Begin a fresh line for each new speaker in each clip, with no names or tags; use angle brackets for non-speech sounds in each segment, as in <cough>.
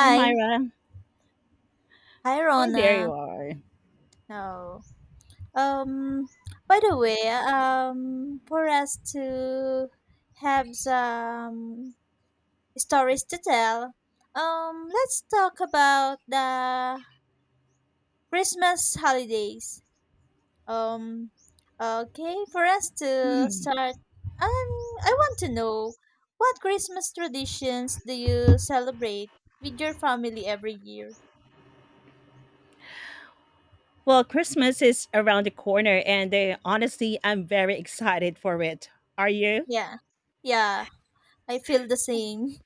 Hi, Myra.
Hi,
Hey, there you
Rona.
are.
No. Um, by the way, for us to have some stories to tell, let's talk about the Christmas holidays. Um, okay, for us to start, um, I want to know what Christmas traditions do you celebrate with your family every year?
Well, Christmas is around the corner, and honestly, I'm very excited for it. Are you? <laughs>
Yeah. Yeah, I feel the same.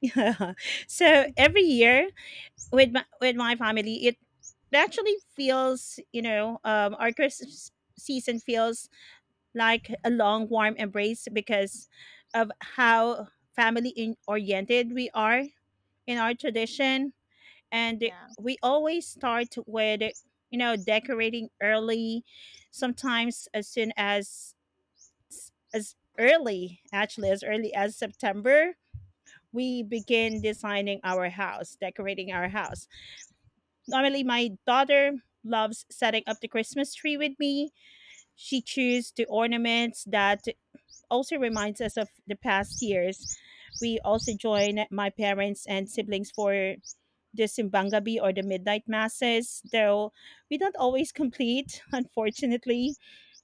Yeah. So every year with my family, it actually feels, our Christmas season feels like a long, warm embrace because of how family oriented we are in our tradition, and
Yeah.
we always start with, decorating early, sometimes as soon as early actually as early as September. We begin designing our house, decorating our house. Normally, my daughter loves setting up the Christmas tree with me. She chooses the ornaments that also reminds us of the past years. We also join my parents and siblings for the Simbangabi or the midnight masses, though we don't always complete, <laughs> unfortunately.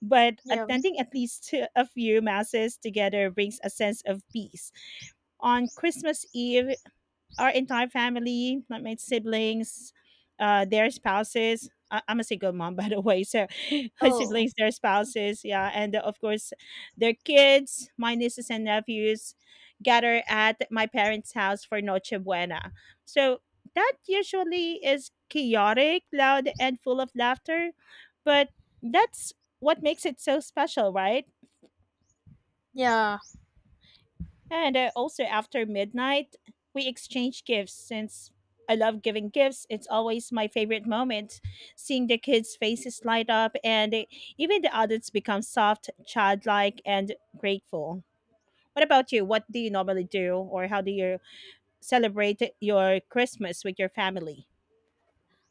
But
Yeah.
attending at least <laughs> a few masses together brings a sense of peace. On Christmas Eve, our entire family, like my siblings, their spouses. I'm a single mom, <laughs> by the way. So, <laughs> my
Oh,
siblings, their spouses, yeah, and of course, their kids, my nieces and nephews, gather at my parents' house for Noche Buena. So that usually is chaotic, loud, and full of laughter, but that's what makes it so special, right?
yeah.
And also after midnight, we exchange gifts, since I love giving gifts. It's always my favorite moment seeing the kids' faces light up, and even the adults become soft, childlike, and grateful. What about you? What do you normally do, or how do you celebrate your Christmas with your family?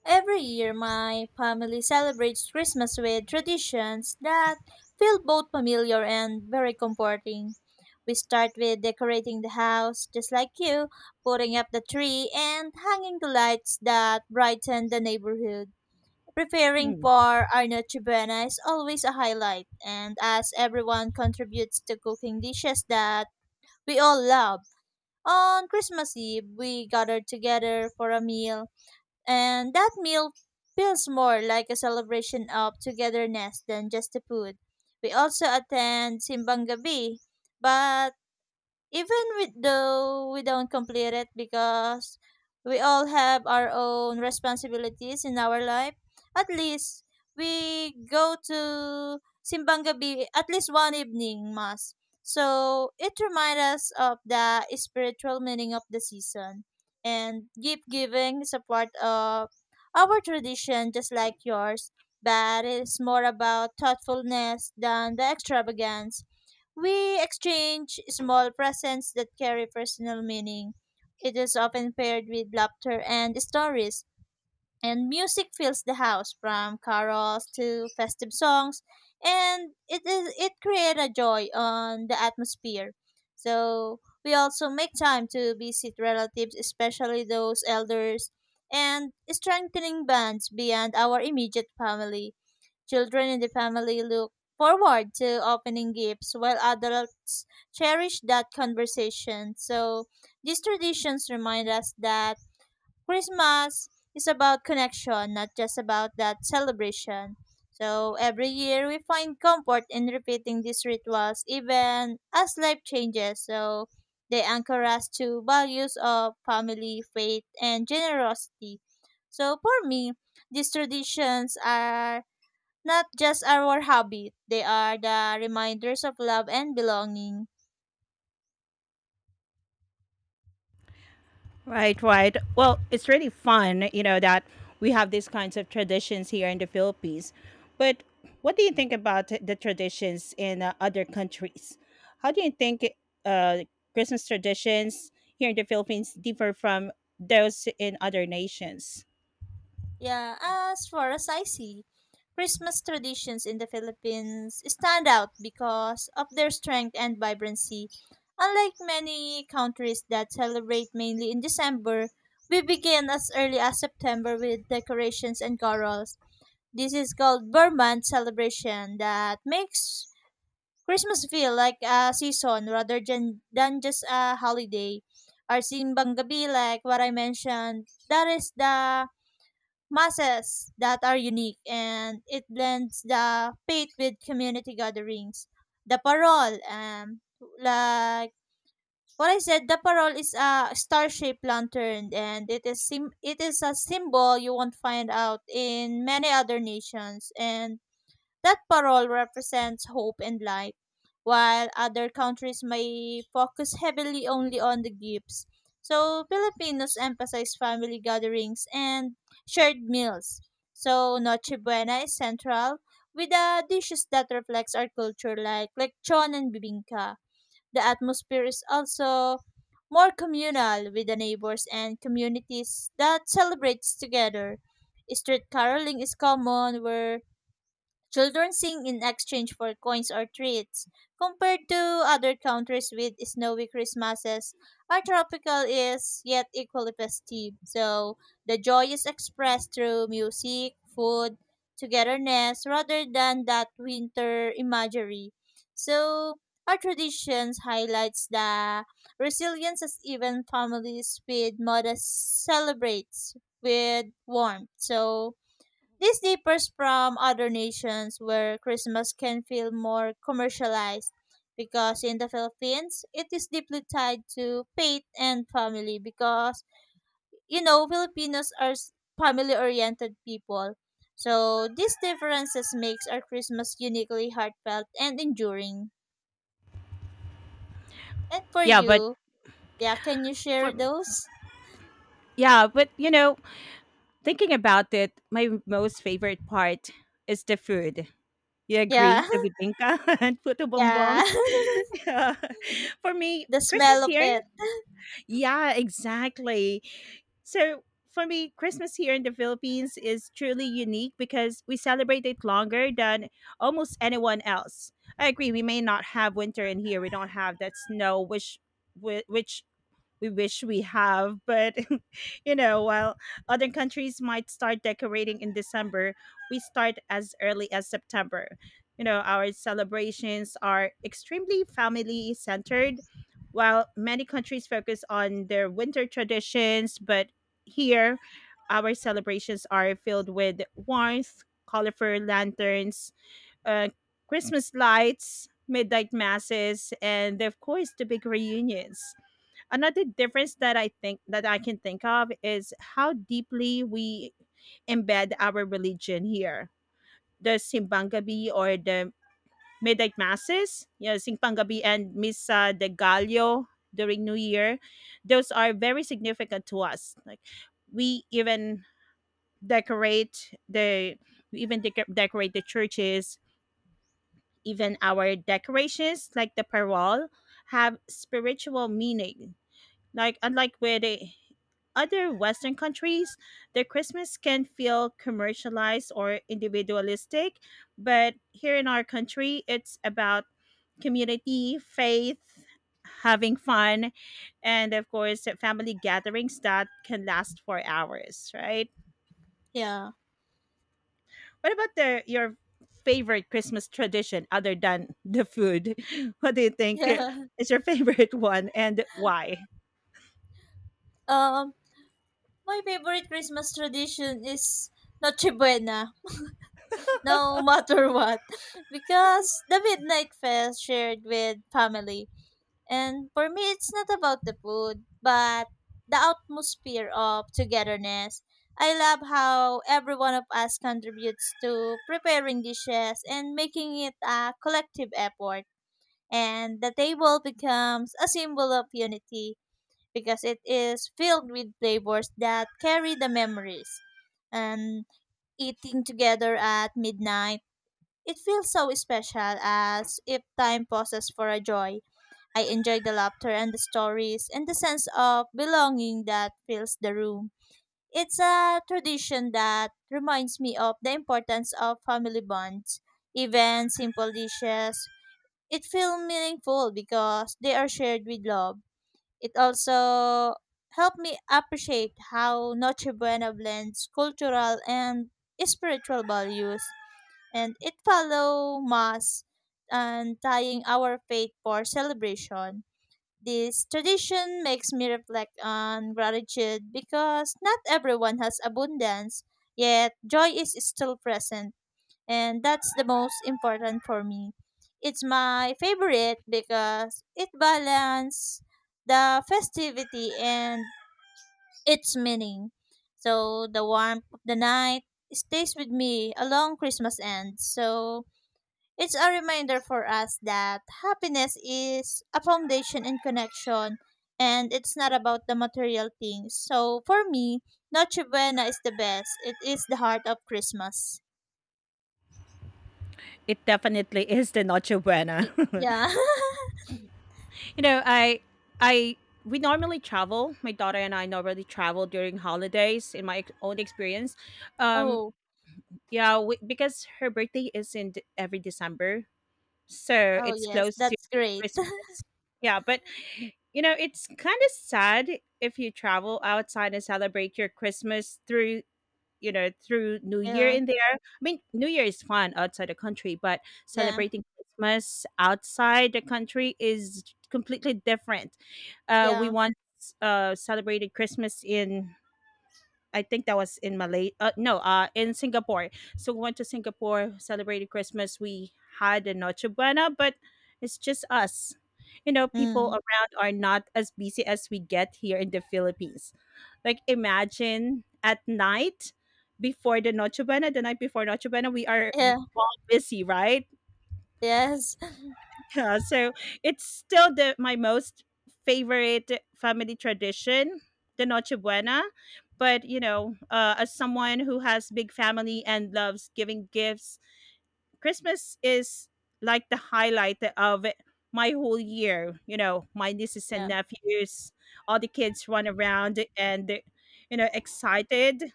Every year, my family celebrates Christmas with traditions that feel both familiar and very comforting. We start with decorating the house, just like you, putting up the tree, and hanging the lights that brighten the neighborhood. Preparing
Hmm.
for our Noche Buena is always a highlight, and as everyone contributes to cooking dishes that we all love, on Christmas Eve we gather together for a meal. And that meal feels more like a celebration of togetherness than just the food. We also attend Simbang Gabi, but even with though we don't complete it because we all have our own responsibilities in our life, at least we go to simbang gabi at least one evening mass, so it reminds us of the spiritual meaning of the season. And gift giving is a part of our tradition just like yours, but it's more about thoughtfulness than the extravagance. We exchange small presents that carry personal meaning. It is often paired with laughter and stories, and music fills the house from carols to festive songs, and it creates a joy on the atmosphere. So we also make time to visit relatives, especially those elders, and strengthening bonds beyond our immediate family. Children in the family look forward to opening gifts while adults cherish that conversation. So these traditions remind us that Christmas is about connection, not just about that celebration. So every year we find comfort in repeating these rituals even as life changes. So they anchor us to values of family, faith, and generosity. So for me, these traditions are not just our habit, they are the reminders of love and belonging.
Right, right. Well, it's really fun, you know, that we have these kinds of traditions here in the Philippines. But what do you think about the traditions in other countries? How do you think, uh, Christmas traditions here in the Philippines differ from those in other nations?
Yeah, as for as I see, Christmas traditions in the Philippines stand out because of their strength and vibrancy. Unlike many countries that celebrate mainly in December, we begin as early as September with decorations and carols. This is called Burman celebration that makes Christmas feel like a season rather than just a holiday. Our simbang gabi, like what I mentioned, that is the masses that are unique and it blends the faith with community gatherings. The parol, like what I said, the parol is a star-shaped lantern and it is it is a symbol you won't find out in many other nations. And that parole represents hope and life, while other countries may focus heavily only on the gifts. So, Filipinos emphasize family gatherings and shared meals. So, Noche Buena is central, with the dishes that reflects our culture like lechon and bibingka. The atmosphere is also more communal with the neighbors and communities that celebrates together. Street caroling is common where children sing in exchange for coins or treats. Compared to other countries with snowy Christmases, our tropical is yet equally festive. So the joy is expressed through music, food, togetherness, rather than that winter imagery. So our traditions highlights the resilience as even families with modest celebrates with warmth. So this differs from other nations where Christmas can feel more commercialized because in the Philippines, it is deeply tied to faith and family because, you know, Filipinos are family oriented people. So these differences makes our Christmas uniquely heartfelt and enduring. And for
Yeah, but
you, yeah, can you
for
share those?
yeah, but you know, thinking about it, my most favorite part is the food. You
Yeah,
agree? The bibingka <laughs> and puto
<laughs> yeah.
bongbong.
<laughs>
<laughs> Yeah, for me,
The
Christmas
smell of
here.
it.
Yeah, exactly. So for me, Christmas here in the Philippines is truly unique because we celebrate it longer than almost anyone else. I agree. We may not have winter in here. We don't have that snow, which which we wish we have. But, <laughs> you know, while other countries might start decorating in December, we start as early as September. You know, our celebrations are extremely family centered, while many countries focus on their winter traditions. But here, our celebrations are filled with warmth, colorful lanterns, uh, Christmas lights, midnight masses, and of course, the big reunions. Another difference that I can think of is how deeply we embed our religion here. The Simbang Gabi, or the midnight masses, you know, Simbang Gabi and Misa de Gallo during New Year, those are very significant to us. Like, we even decorate the decorate the churches. Even our decorations like the parol have spiritual meaning, unlike with the other Western countries, the Christmas can feel commercialized or individualistic, but here in our country, it's about community, faith, having fun, and of course, family gatherings that can last for hours, right?
Yeah.
What about the your favorite Christmas tradition other than the food? <laughs> What do you think
<laughs>
is your <laughs> favorite one, and why?
Yeah. My favorite Christmas tradition is Noche Buena, no matter what, <laughs> because the midnight fest shared with family. And for me, it's not about the food, but the atmosphere of togetherness. I love how every one of us contributes to preparing dishes and making it a collective effort. And the table becomes a symbol of unity because it is filled with flavors that carry the memories. And eating together at midnight, it feels so special as if time pauses for a joy. I enjoy the laughter and the stories and the sense of belonging that fills the room. It's a tradition that reminds me of the importance of family bonds, even simple dishes. It feels meaningful because they are shared with love. It also helped me appreciate how Noche Buena blends cultural and spiritual values, and it follow mass and tying our faith for celebration. This tradition makes me reflect on gratitude because not everyone has abundance, yet joy is still present and that's the most important for me. It's my favorite because it balances the festivity and its meaning. So the warmth of the night stays with me along Christmas end. So it's a reminder for us that happiness is a foundation and connection and it's not about the material things. So for me, Noche Buena is the best. It is the heart of Christmas.
It definitely is the Noche Buena. <laughs>
Yeah.
You know, I we normally travel. My daughter and I normally travel during holidays. In my own experience, um,
<laughs> Oh.
yeah, because her birthday is in every December, so
Oh,
it's
yes,
close to
that's great.
Christmas.
<laughs>
Yeah, but you know, it's kind of sad if you travel outside and celebrate your Christmas through, New Year
Yeah,
in there. I mean, New Year is fun outside the country, but
yeah,
celebrating Christmas outside the country is completely different. We
yeah.
once celebrated Christmas in, I think that was in Malay. No, in Singapore. So we went to Singapore, celebrated Christmas. We had a Noche Buena, but it's just us. You know, people
Mm.
around are not as busy as we get here in the Philippines. Like, imagine at night before the Noche Buena, the night before Noche Buena, we are
Yeah,
all busy, right?
yes. <laughs>
Yeah, so it's still the my most favorite family tradition, the Noche Buena. But you know, as someone who has big family and loves giving gifts, Christmas is like the highlight of my whole year. You know, my nieces and
Yeah,
nephews, all the kids run around and, excited.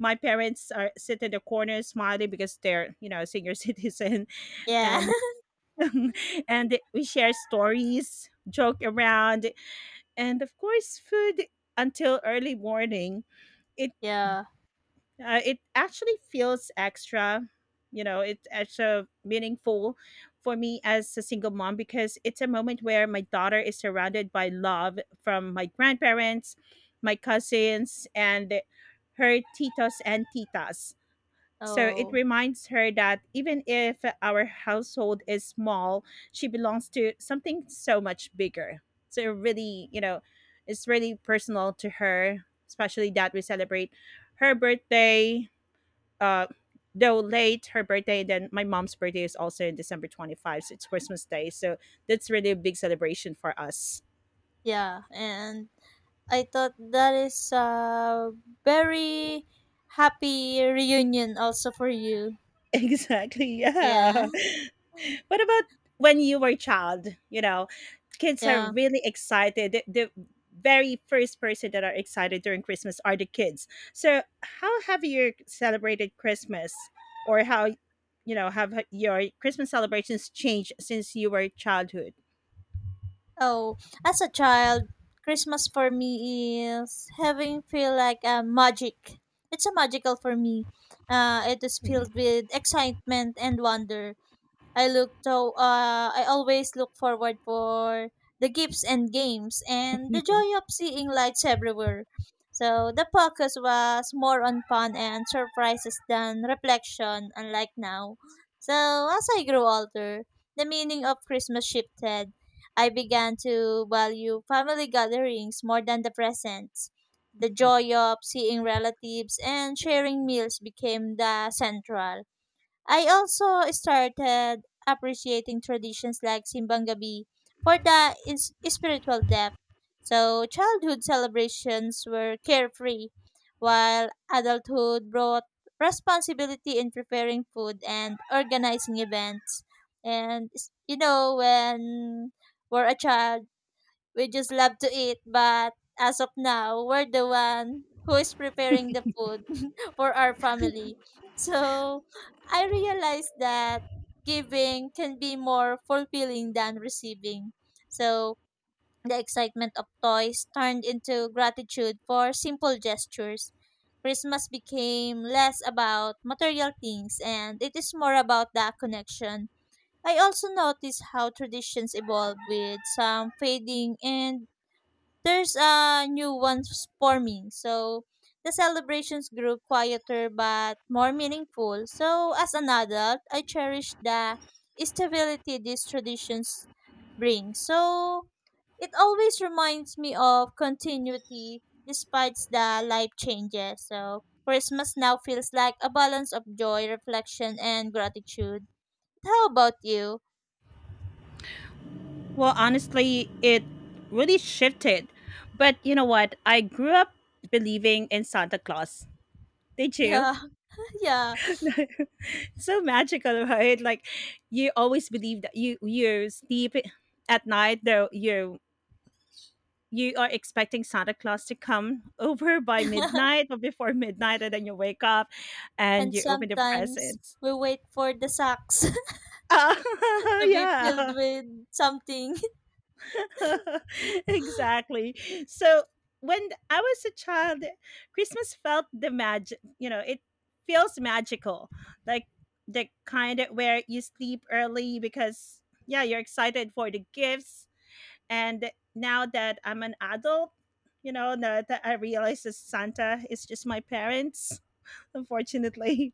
My parents are sit in the corner smiling because they're, senior <laughs> citizen,
yeah,
and <laughs> and we share stories, joke around, and of course, food until early morning. It
<laughs> yeah.
it actually feels extra, it's extra meaningful for me as a single mom, because it's a moment where my daughter is surrounded by love from my grandparents, my cousins, and her titos and titas, so it
Oh,
reminds her that even if our household is small, she belongs to something so much bigger. So it really, it's really personal to her, especially that we celebrate her birthday, uh, though late, then my mom's birthday is also in December 25, so it's Christmas Day. So that's really a big celebration for us.
yeah. And I thought that is a very happy reunion also for you.
<laughs> Exactly.
Yeah,
Yeah.
<laughs>
What about when you were a child? You know, kids are
yeah.
really excited. The very first person that are excited during Christmas are the kids. So, how have you celebrated Christmas, or how have your Christmas celebrations changed since you were childhood?
Oh, as a child, Christmas for me is having feel like a magic. It's a magical for me. It is filled with excitement and wonder. I always look forward for the gifts and games and the joy
<laughs>
of seeing lights everywhere. So the focus was more on fun and surprises than reflection, unlike now. So as I grew older, the meaning of Christmas shifted. I began to value family gatherings more than the presents. The joy of seeing relatives and sharing meals became the central. I also started appreciating traditions like Simbang Gabi for the spiritual depth. So, childhood celebrations were carefree, while adulthood brought responsibility in preparing food and organizing events. And, you know, when we're a child, we just love to eat, but as of now, we're the one who is preparing the food <laughs> for our family. So I realized that giving can be more fulfilling than receiving. So the excitement of toys turned into gratitude for simple gestures. Christmas became less about material things and it is more about that connection. I also noticed how traditions evolve with some fading and there's a new ones forming. So the celebrations grew quieter but more meaningful. So as an adult, I cherish the stability these traditions bring. So it always reminds me of continuity despite the life changes. So Christmas now feels like a balance of joy, reflection, and gratitude. How about you?
Well, honestly, it really shifted. But you know what? I grew up believing in Santa Claus. Did you?
Yeah, <laughs> yeah.
<laughs> So magical, right? Like, you always believe that you sleep at night, though you are expecting Santa Claus to come <laughs> over by
<laughs>
midnight or before midnight, and then you wake up and
And
you open the
sometimes
presents. <laughs>
we wait for the socks
Ah,
to be filled
yeah.
with something. <laughs>
<laughs> Exactly. So when I was a child, Christmas felt the magic. You know, it feels magical, like the kind of where you sleep early because, yeah, you're excited for the gifts. And now that I'm an adult, you know, now that I realize that Santa is just my parents. <laughs> Unfortunately,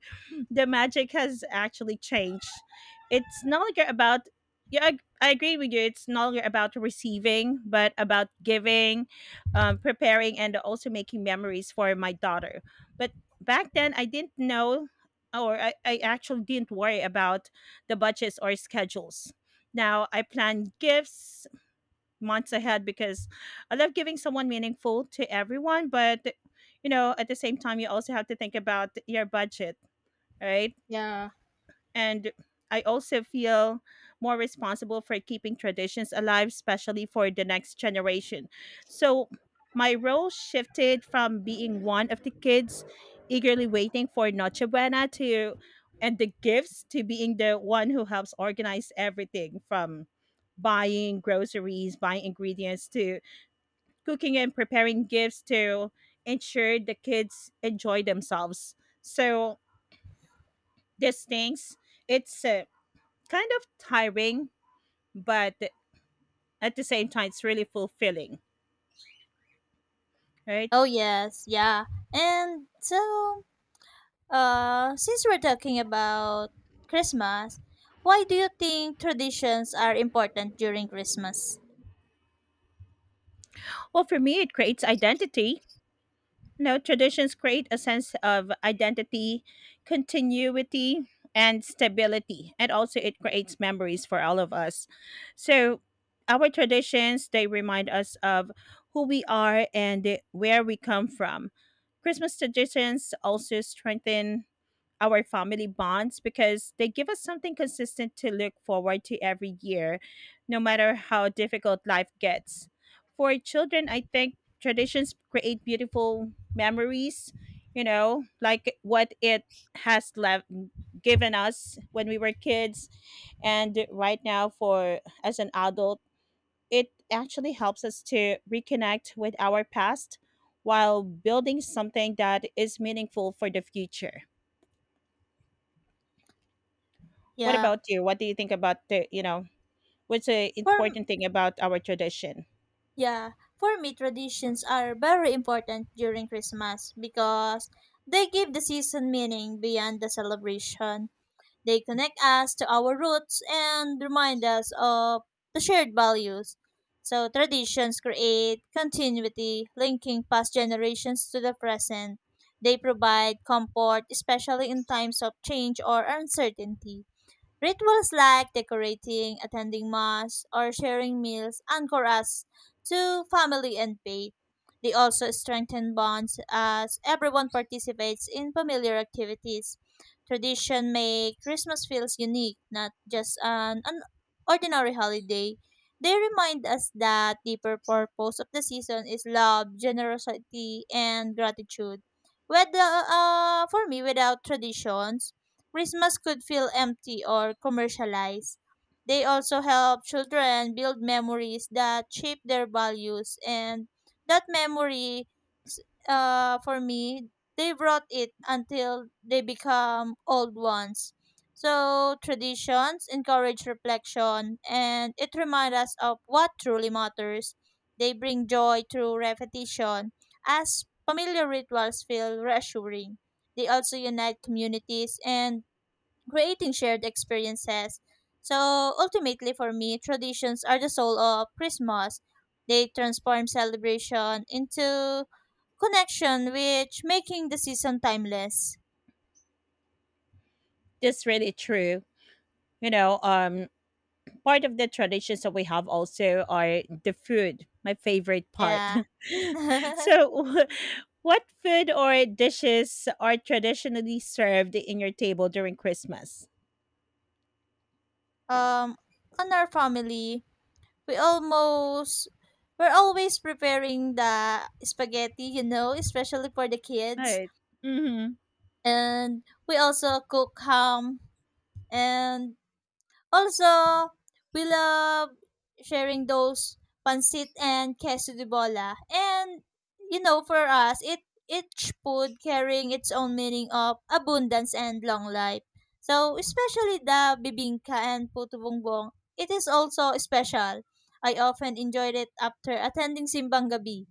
the magic has actually changed. It's no longer about, yeah, I agree with you, it's no longer about receiving, but about giving, preparing, and also making memories for my daughter. But back then, I didn't know, or I actually didn't worry about the budgets or schedules. Now I plan gifts months ahead because I love giving someone meaningful to everyone, but you know, at the same time you also have to think about your budget, right?
Yeah.
And I also feel more responsible for keeping traditions alive, especially for the next generation. So my role shifted from being one of the kids eagerly waiting for Noche Buena to and the gifts, to being the one who helps organize everything, from buying groceries, buying ingredients, to cooking and preparing gifts to ensure the kids enjoy themselves. So these things, it's kind of tiring, but at the same time, it's really fulfilling, right?
Oh yes, yeah. And so, since we're talking about Christmas, why do you think traditions are important during Christmas?
Well, for me, it creates identity. No, traditions create a sense of identity, continuity, and stability. And also, it creates memories for all of us. So, our traditions, they remind us of who we are and where we come from. Christmas traditions also strengthen our family bonds because they give us something consistent to look forward to every year, no matter how difficult life gets. For children, I think traditions create beautiful memories, you know, like what it has left given us when we were kids, and right now, for as an adult, it actually helps us to reconnect with our past while building something that is meaningful for the future. What
Yeah,
about you? What do you think about what's the
for m-
important thing about our tradition?
yeah, for me, traditions are very important during Christmas because they give the season meaning beyond the celebration. They connect us to our roots and remind us of the shared values. So traditions create continuity, linking past generations to the present. They provide comfort, especially in times of change or uncertainty. Rituals like decorating, attending mass, or sharing meals anchor us to family and faith. They also strengthen bonds as everyone participates in familiar activities. Tradition make Christmas feels unique, not just an ordinary holiday. They remind us that deeper purpose of the season is love, generosity, and gratitude. Whether for me, without traditions, Christmas could feel empty or commercialized. They also help children build memories that shape their values, and that memory, s- for me, they brought it until they become old ones. So traditions encourage reflection, and it reminds us of what truly matters. They bring joy through repetition, as familiar rituals feel reassuring. They also unite communities and creating shared experiences. So ultimately, for me, traditions are the soul of Christmas. They transform celebration into connection, which making the season timeless.
That's really true. you know um Part of the traditions that we have also are the food, my favorite part.
Yeah. <laughs>
<laughs> So
um,
what food or dishes are traditionally served in your table during Christmas?
on our family, we almost we're always preparing the spaghetti, you know, especially for the kids.
Right. Mm-hmm.
And we also cook ham and also, we love sharing those pancit and queso de bola. And you know, for us, it each food carrying its own meaning of abundance and long life. So, especially the bibingka and puto bumbong, it is also special. I often enjoyed it after attending simbang gabi.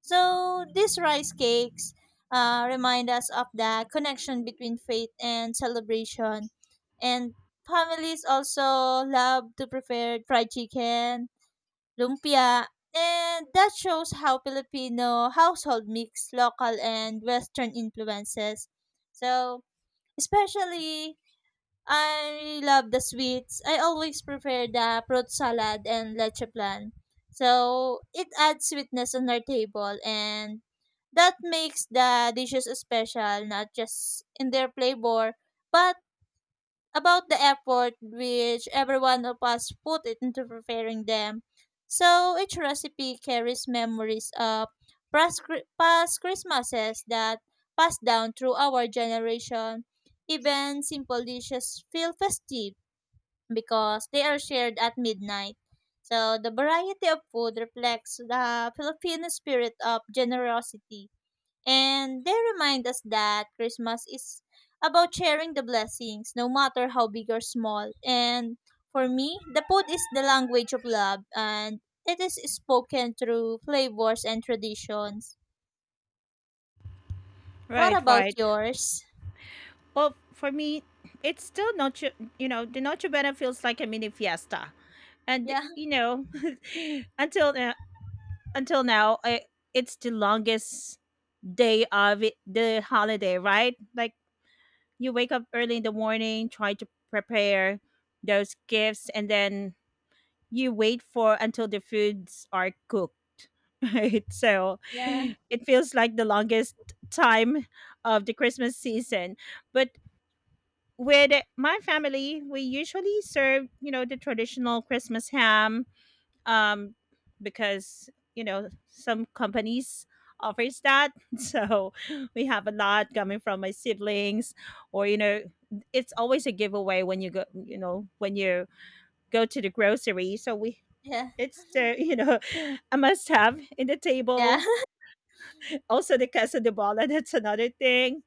So, these rice cakes remind us of the connection between faith and celebration. And families also love to prepare fried chicken, lumpia, and that shows how Filipino household mix local and Western influences. So, especially, I love the sweets. I always prepare the fruit salad and leche plan. So, it adds sweetness on our table and that makes the dishes special, not just in their flavor, but about the effort which every one of us put it into preparing them. So each recipe carries memories of past Christmases that passed down through our generation. Even simple dishes feel festive because they are shared at midnight. So the variety of food reflects the Filipino spirit of generosity and they remind us that Christmas is about sharing the blessings, no matter how big or small. And for me, the food is the language of love, and it is spoken through flavors and traditions. What
Right,
about
right.
yours?
Well, for me, it's still noche. The Noche Buena feels like a mini fiesta, and
Yeah,
you know, <laughs> until now until now, it's the longest day of it, the holiday, right? Like, you wake up early in the morning, try to prepare those gifts, and then you wait for until the foods are cooked. <laughs> Right? So
yeah,
it feels like the longest time of the Christmas season. But with my family, we usually serve, the traditional Christmas ham, um, because some companies offers that. <laughs> So we have a lot coming from my siblings, or you know, it's always a giveaway when you go, you know, when you go to the grocery. So we.
yeah,
It's the you know <laughs> a must have in the
yeah,
table. Also the casa de bola, that's another thing.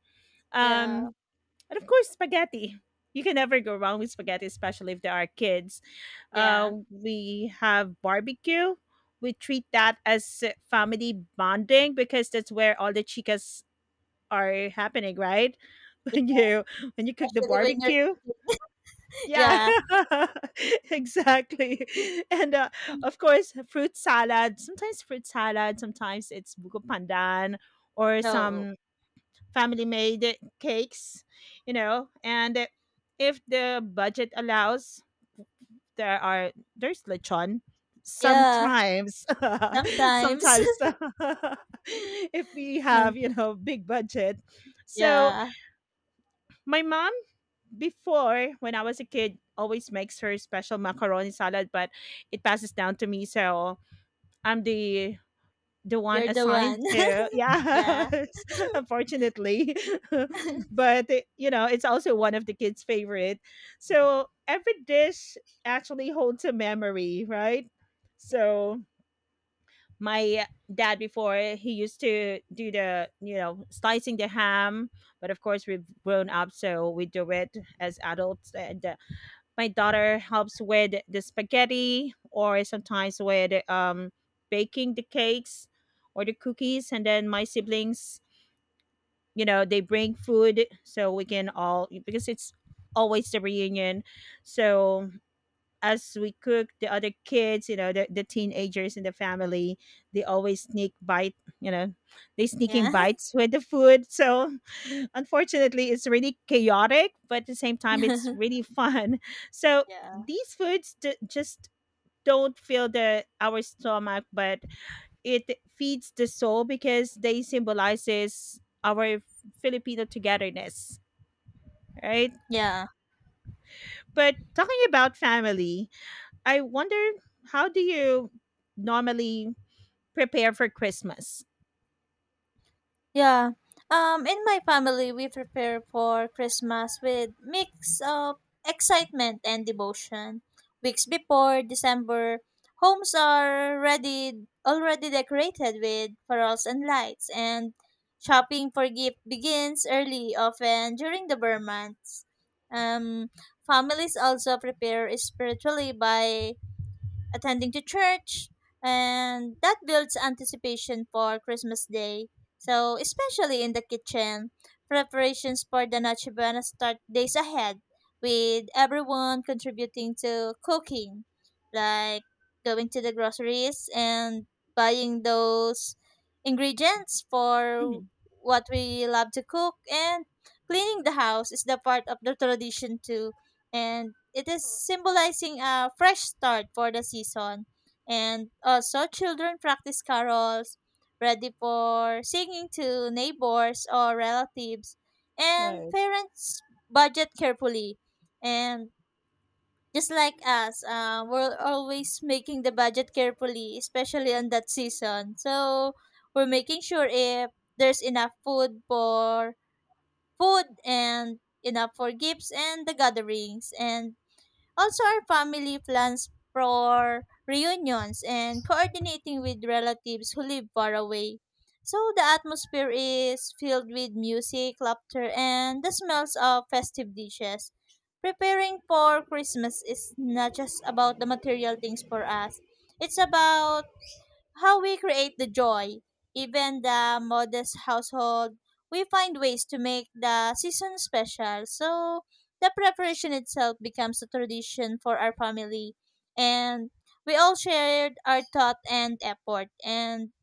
<laughs> yeah,
Um, and of course, spaghetti. You can never go wrong with spaghetti, especially if there are kids.
yeah.
We have barbecue. We treat that as family bonding because that's where all the chicas are happening, right? <laughs> When
Yeah.
you when you cook the
Especially when you're
barbecue.
cooking. <laughs>
Yeah,
Yeah,
<laughs> exactly. And Of course, fruit salad. Sometimes fruit salad. Sometimes it's buko pandan or
no,
some family made cakes, you know, and if the budget allows there's lechon
yeah,
sometimes, <laughs>
sometimes.
sometimes <laughs> if we have, you
<laughs>
know, big budget. So
Yeah,
my mom before, when I was a kid, always makes her special macaroni salad, but it passes down to me, so I'm the one
you're the
assigned
one.
to,
<laughs> Yeah,
yes. <laughs> Unfortunately. <laughs> But you know, it's also one of the kids favorite, so every dish actually holds a memory, right? So my dad before, he used to do the, you know, slicing the ham, but of course we've grown up, so we do it as adults. And my daughter helps with the spaghetti, or sometimes with baking the cakes or the cookies. And then my siblings, you know, they bring food so we can all, because it's always the reunion. So as we cook, the other kids, you know, the teenagers in the family, they always sneak bite, you know, they sneaking
yeah,
bites with the food. So <laughs> unfortunately, it's really chaotic, but at the same time, it's
<laughs>
really fun. <laughs> So
yeah.
these foods just don't fill the our stomach, but it feeds the soul because they symbolizes our Filipino togetherness, right?
Yeah,
But talking about family, I wonder how do you normally prepare for Christmas?
yeah. In my family, we prepare for Christmas with mix of excitement and devotion. Weeks before December, homes are ready, already decorated with pearls and lights, and shopping for gift begins early, often during the Burr months. Um, Families also prepare spiritually by attending to church, and that builds anticipation for Christmas Day. So, especially in the kitchen, preparations for the Noche Buena start days ahead, with everyone contributing to cooking, like going to the groceries and buying those ingredients for
Mhm.
what we love to cook, and cleaning the house is the part of the tradition too, and it is symbolizing a fresh start for the season. And also, children practice carols, ready for singing to neighbors or relatives, and
Right.
parents budget carefully. And just like us, we're always making the budget carefully, especially on that season. So we're making sure if there's enough food for food and enough for gifts and the gatherings. And also, our family plans for reunions and coordinating with relatives who live far away. So, the atmosphere is filled with music, laughter, and the smells of festive dishes. Preparing for Christmas is not just about the material things for us, it's about how we create the joy, even the modest household, we find ways to make the season special. So the preparation itself becomes a tradition for our family, and we all shared our thought and effort, and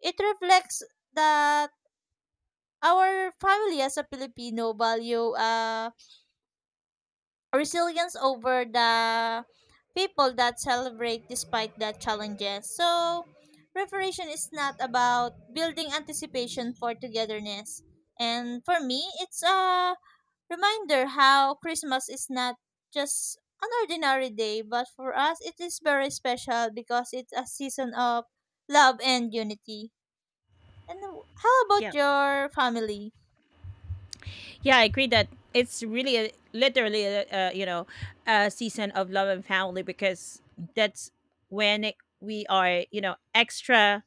it reflects that our family as a Filipino value. Resilience over the people that celebrate despite the challenges. So, preparation is not about building anticipation for togetherness. And for me, it's a reminder how Christmas is not just an ordinary day, but for us, it is very special because it's a season of love and unity. And how about your family?
Yeah, I agree that it's really a, literally a, you know, a season of love and family, because that's when it, we are, you know, extra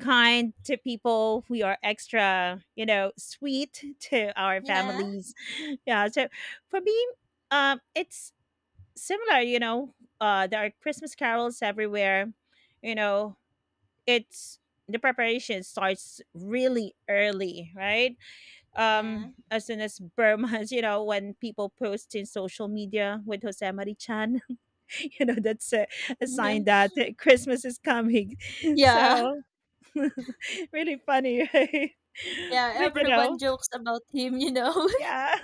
kind to people. We are extra, you know, sweet <laughs> to our
Yeah,
families. <laughs> Yeah, so for me, it's similar. You know, there are Christmas carols everywhere. You know, it's the preparation starts really early, right?
yeah,
As soon as Burma's, <laughs> you know, when people post in social media with Josemari Chan, <laughs> you know, that's a sign
<laughs>
that Christmas is coming. <laughs>
yeah.
So <laughs> really funny, right?
Yeah,
<laughs> But you
everyone
know,
jokes about him, you know.
yeah.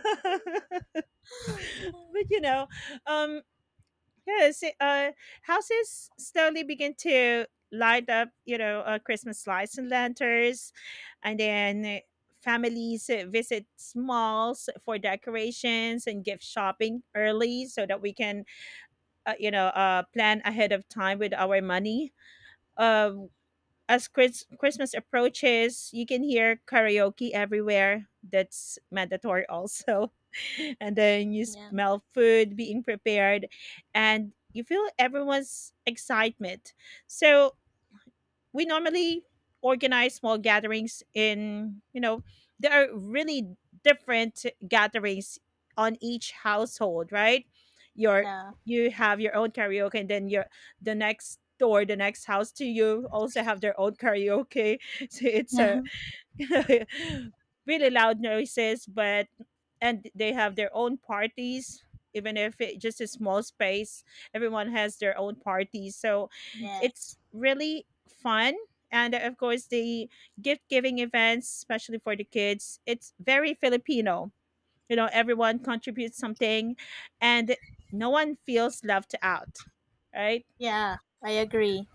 <laughs>
<laughs>
But you know, um yes, it, houses slowly begin to light up, you know, Christmas lights and lanterns, and then families visit malls for decorations and gift shopping early so that we can, you know, plan ahead of time with our money. Uh, as Christmas approaches, you can hear karaoke everywhere. That's mandatory also. <laughs> And then you
Yeah.
smell food being prepared and you feel everyone's excitement. So we normally organize small gatherings in, you know, there are really different gatherings on each household, right? Your,
Yeah.
you have your own karaoke, and then your, the next door, the next house to you also have their own karaoke. <laughs> So it's a
Yeah.
<laughs> really loud noises. But and they have their own parties, even if it just a small space, everyone has their own parties. So it's
Yes.
really fun. And of course, the gift giving events, especially for the kids, it's very Filipino, you know, everyone contributes something and no one feels left out, right?
Yeah, I agree.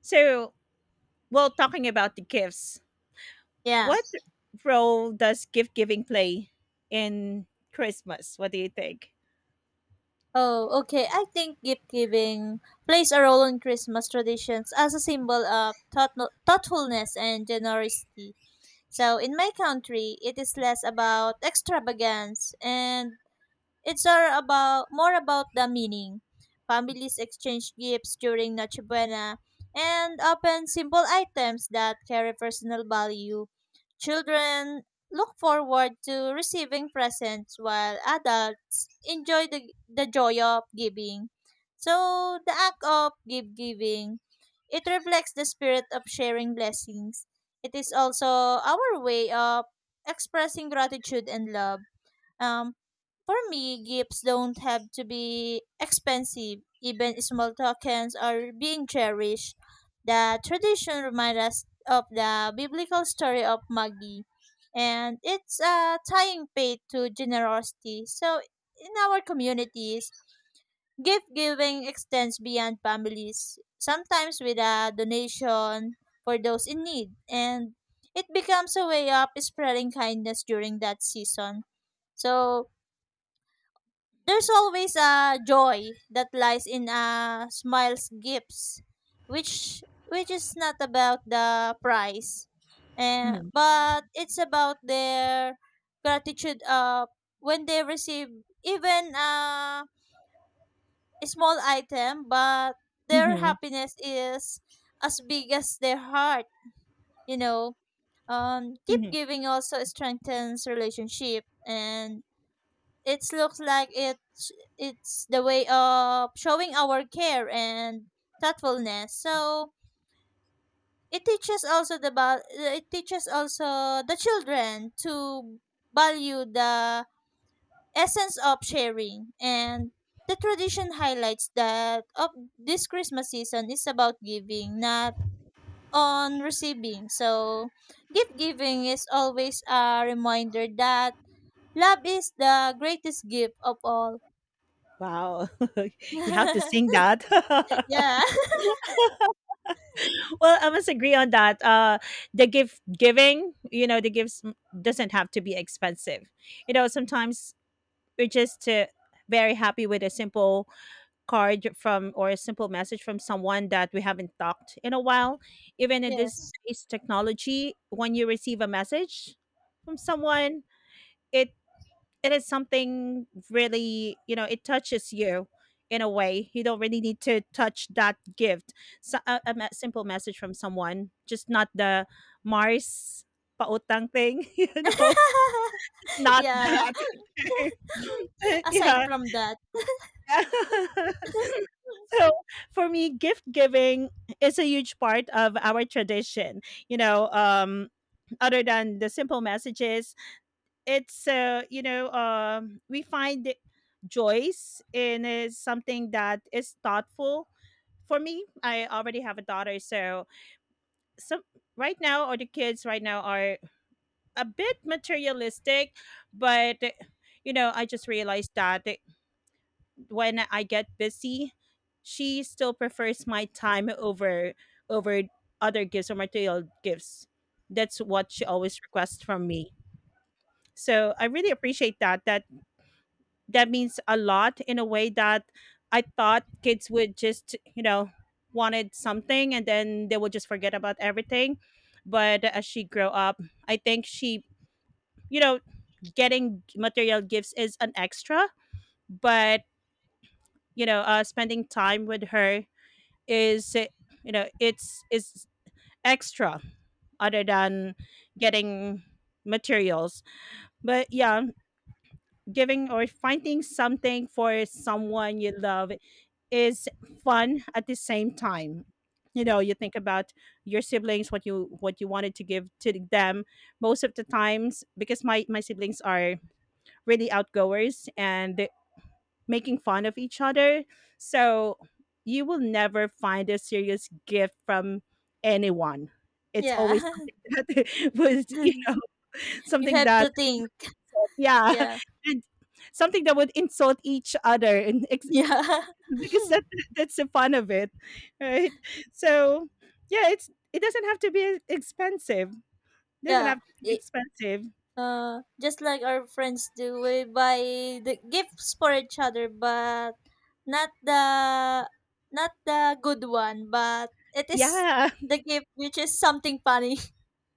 So well, talking about the gifts,
Yeah.
what role does gift giving play in Christmas? What do you think?
Oh, okay. I think gift giving plays a role in Christmas traditions as a symbol of thoughtfulness and generosity. So, in my country, it is less about extravagance, and it's are about more about the meaning. Families exchange gifts during Noche Buena and often simple items that carry personal value. Children look forward to receiving presents while adults enjoy the joy of giving. So the act of give giving, it reflects the spirit of sharing blessings. It is also our way of expressing gratitude and love. Um, for me, gifts don't have to be expensive. Even small tokens are being cherished. The tradition reminds us of the biblical story of Maggie, and it's tying faith to generosity. So, in our communities, gift giving extends beyond families, sometimes with a donation for those in need, and it becomes a way of spreading kindness during that season. So, there's always a joy that lies in a smile's gifts, which is not about the price, and
Hmm.
but it's about their gratitude. When they receive even a small item, but their
Hmm.
happiness is as big as their heart. You know, keep
Hmm.
giving also strengthens relationship, and it looks like it's the way of showing our care and thoughtfulness. So it teaches also the it teaches also the children to value the essence of sharing, and the tradition highlights that of this Christmas season is about giving, not on receiving. So gift giving is always a reminder that love is the greatest gift of all.
Wow, <laughs> you have to sing
<laughs>
that. <laughs>
Yeah.
Well, I must agree on that. The gift giving, you know, the gifts doesn't have to be expensive. You know, sometimes we're just very happy with a simple card from, or a simple message from someone that we haven't talked in a while, even
<laughs>
in this
Yes.
days technology, when you receive a message from someone, it it is something really, you know, it touches you in a way you don't really need to touch that gift. So, a, simple message from someone, just not the mars pautang thing, <laughs> you know,
<laughs>
not
Yeah.
that.
<laughs>
<laughs>
Aside
Yeah.
from that,
<laughs> Yeah. So for me, gift giving is a huge part of our tradition. You know, other than the simple messages, it's you know, we find joys in is something that is thoughtful. For me, I already have a daughter, so some right now, or the kids right now are a bit materialistic, but you know, I just realized that when I get busy, she still prefers my time over over other gifts or material gifts. That's what she always requests from me. So I really appreciate that. That means a lot, in a way that I thought kids would just, you know, wanted something, and then they would just forget about everything. But as she grow up, I think she, you know, getting material gifts is an extra, but you know, spending time with her is it, you know, it's extra other than getting materials. But yeah, giving or finding something for someone you love is fun. At the same time, you know, you think about your siblings, what you, what you wanted to give to them. Most of the times, because my siblings are really outgoers and making fun of each other. So you will never find a serious gift from anyone. It's always
yeah.
something <laughs> that was, you
<laughs>
know,
You
something
have to
that,
think.
yeah,
Yeah.
and something that would insult each other, and
Yeah.
because
<laughs>
that, that's the fun of it, right? So, yeah, it's it doesn't have to be expensive. Doesn't
Yeah.
have to be
It,
expensive.
just like our friends do, we buy the gifts for each other, but not the not the good one, but it is
Yeah,
the gift which is something funny.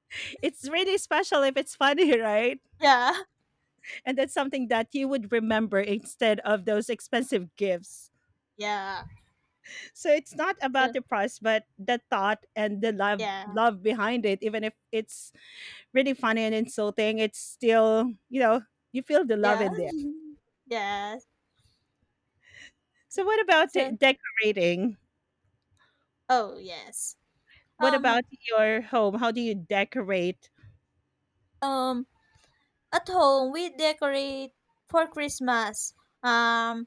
<laughs> it's really special if it's funny, <laughs> right?
<laughs> Yeah.
And that's something that you would remember instead of those expensive gifts.
Yeah.
So it's not about
So
the price, but the thought and the love
yeah.
love behind it, even if it's really funny and insulting, it's still, you know, you feel the love
Yeah.
in there.
<laughs> Yeah.
So what about
So
decorating,
oh yes.
what
um
about your home, how do you decorate?
um, at home we decorate for Christmas. um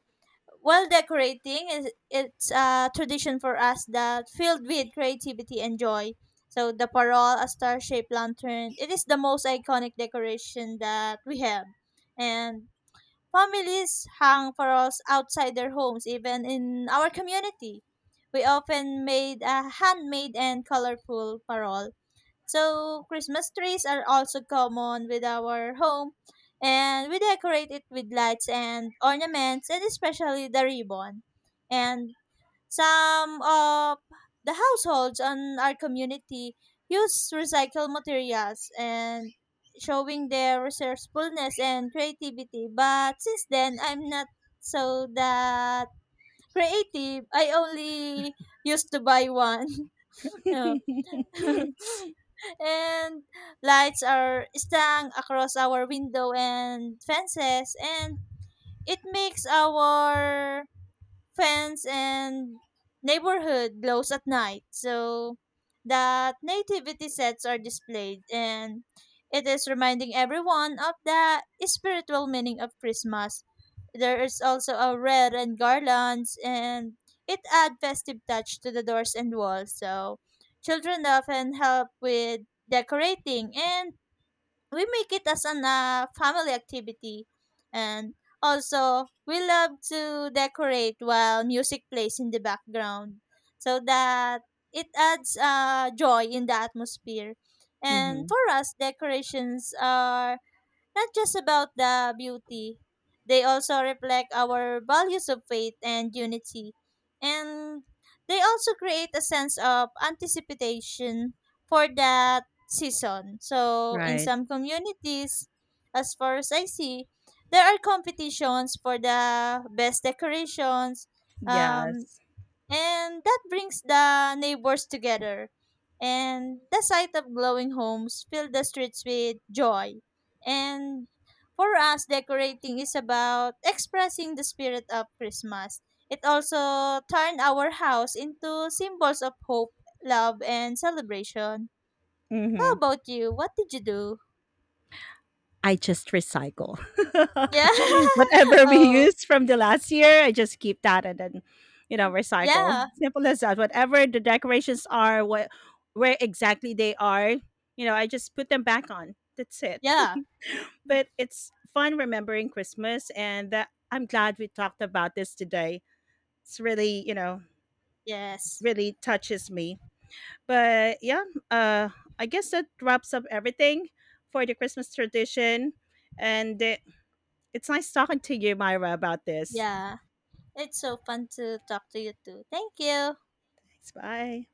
while decorating is, it's a tradition for us that filled with creativity and joy. So the parol, a star shaped lantern, it is the most iconic decoration that we have, and families hang parols outside their homes. Even in our community, we often made a handmade and colorful parol. So Christmas trees are also common with our home, and we decorate it with lights and ornaments and especially the ribbon. And some of the households on our community use recycled materials and showing their resourcefulness and creativity. But since then I'm not so that creative. I only used to buy one. <laughs> No.
<laughs>
<laughs> And lights are strung across our window and fences, and it makes our fence and neighborhood glows at night. So that nativity sets are displayed, and it is reminding everyone of the spiritual meaning of Christmas. There is also a red and garlands, and it add festive touch to the doors and walls. So children often help with decorating, and we make it as an family activity. And also we love to decorate while music plays in the background, so that it adds joy in the atmosphere. And
Mhm.
for us decorations are not just about the beauty. They also reflect our values of faith and unity. And they also create a sense of anticipation for that season. So in
Right.
some communities, as far as I see, there are competitions for the best decorations, um,
Yes.
and that brings the neighbors together. And the sight of glowing homes fill the streets with joy. And for us, decorating is about expressing the spirit of Christmas. It also turned our house into symbols of hope, love, and celebration. How
Mhm.
about you? What did you do?
I just recycle.
Yeah.
<laughs>
<laughs>
Whatever we
Oh,
used from the last year, I just keep that and then, you know, recycle.
yeah.
Simple as that. Whatever the decorations are, what where exactly they are, you know, I just put them back on. That's it.
Yeah.
But it's fun remembering Christmas, and that I'm glad we talked about this today. It's really, you know,
Yes.
really touches me. But yeah, uh I guess that wraps up everything for the Christmas tradition. And it's nice talking to you, Myra, about this.
Yeah. It's so fun to talk to you too. Thank you.
Thanks. Bye.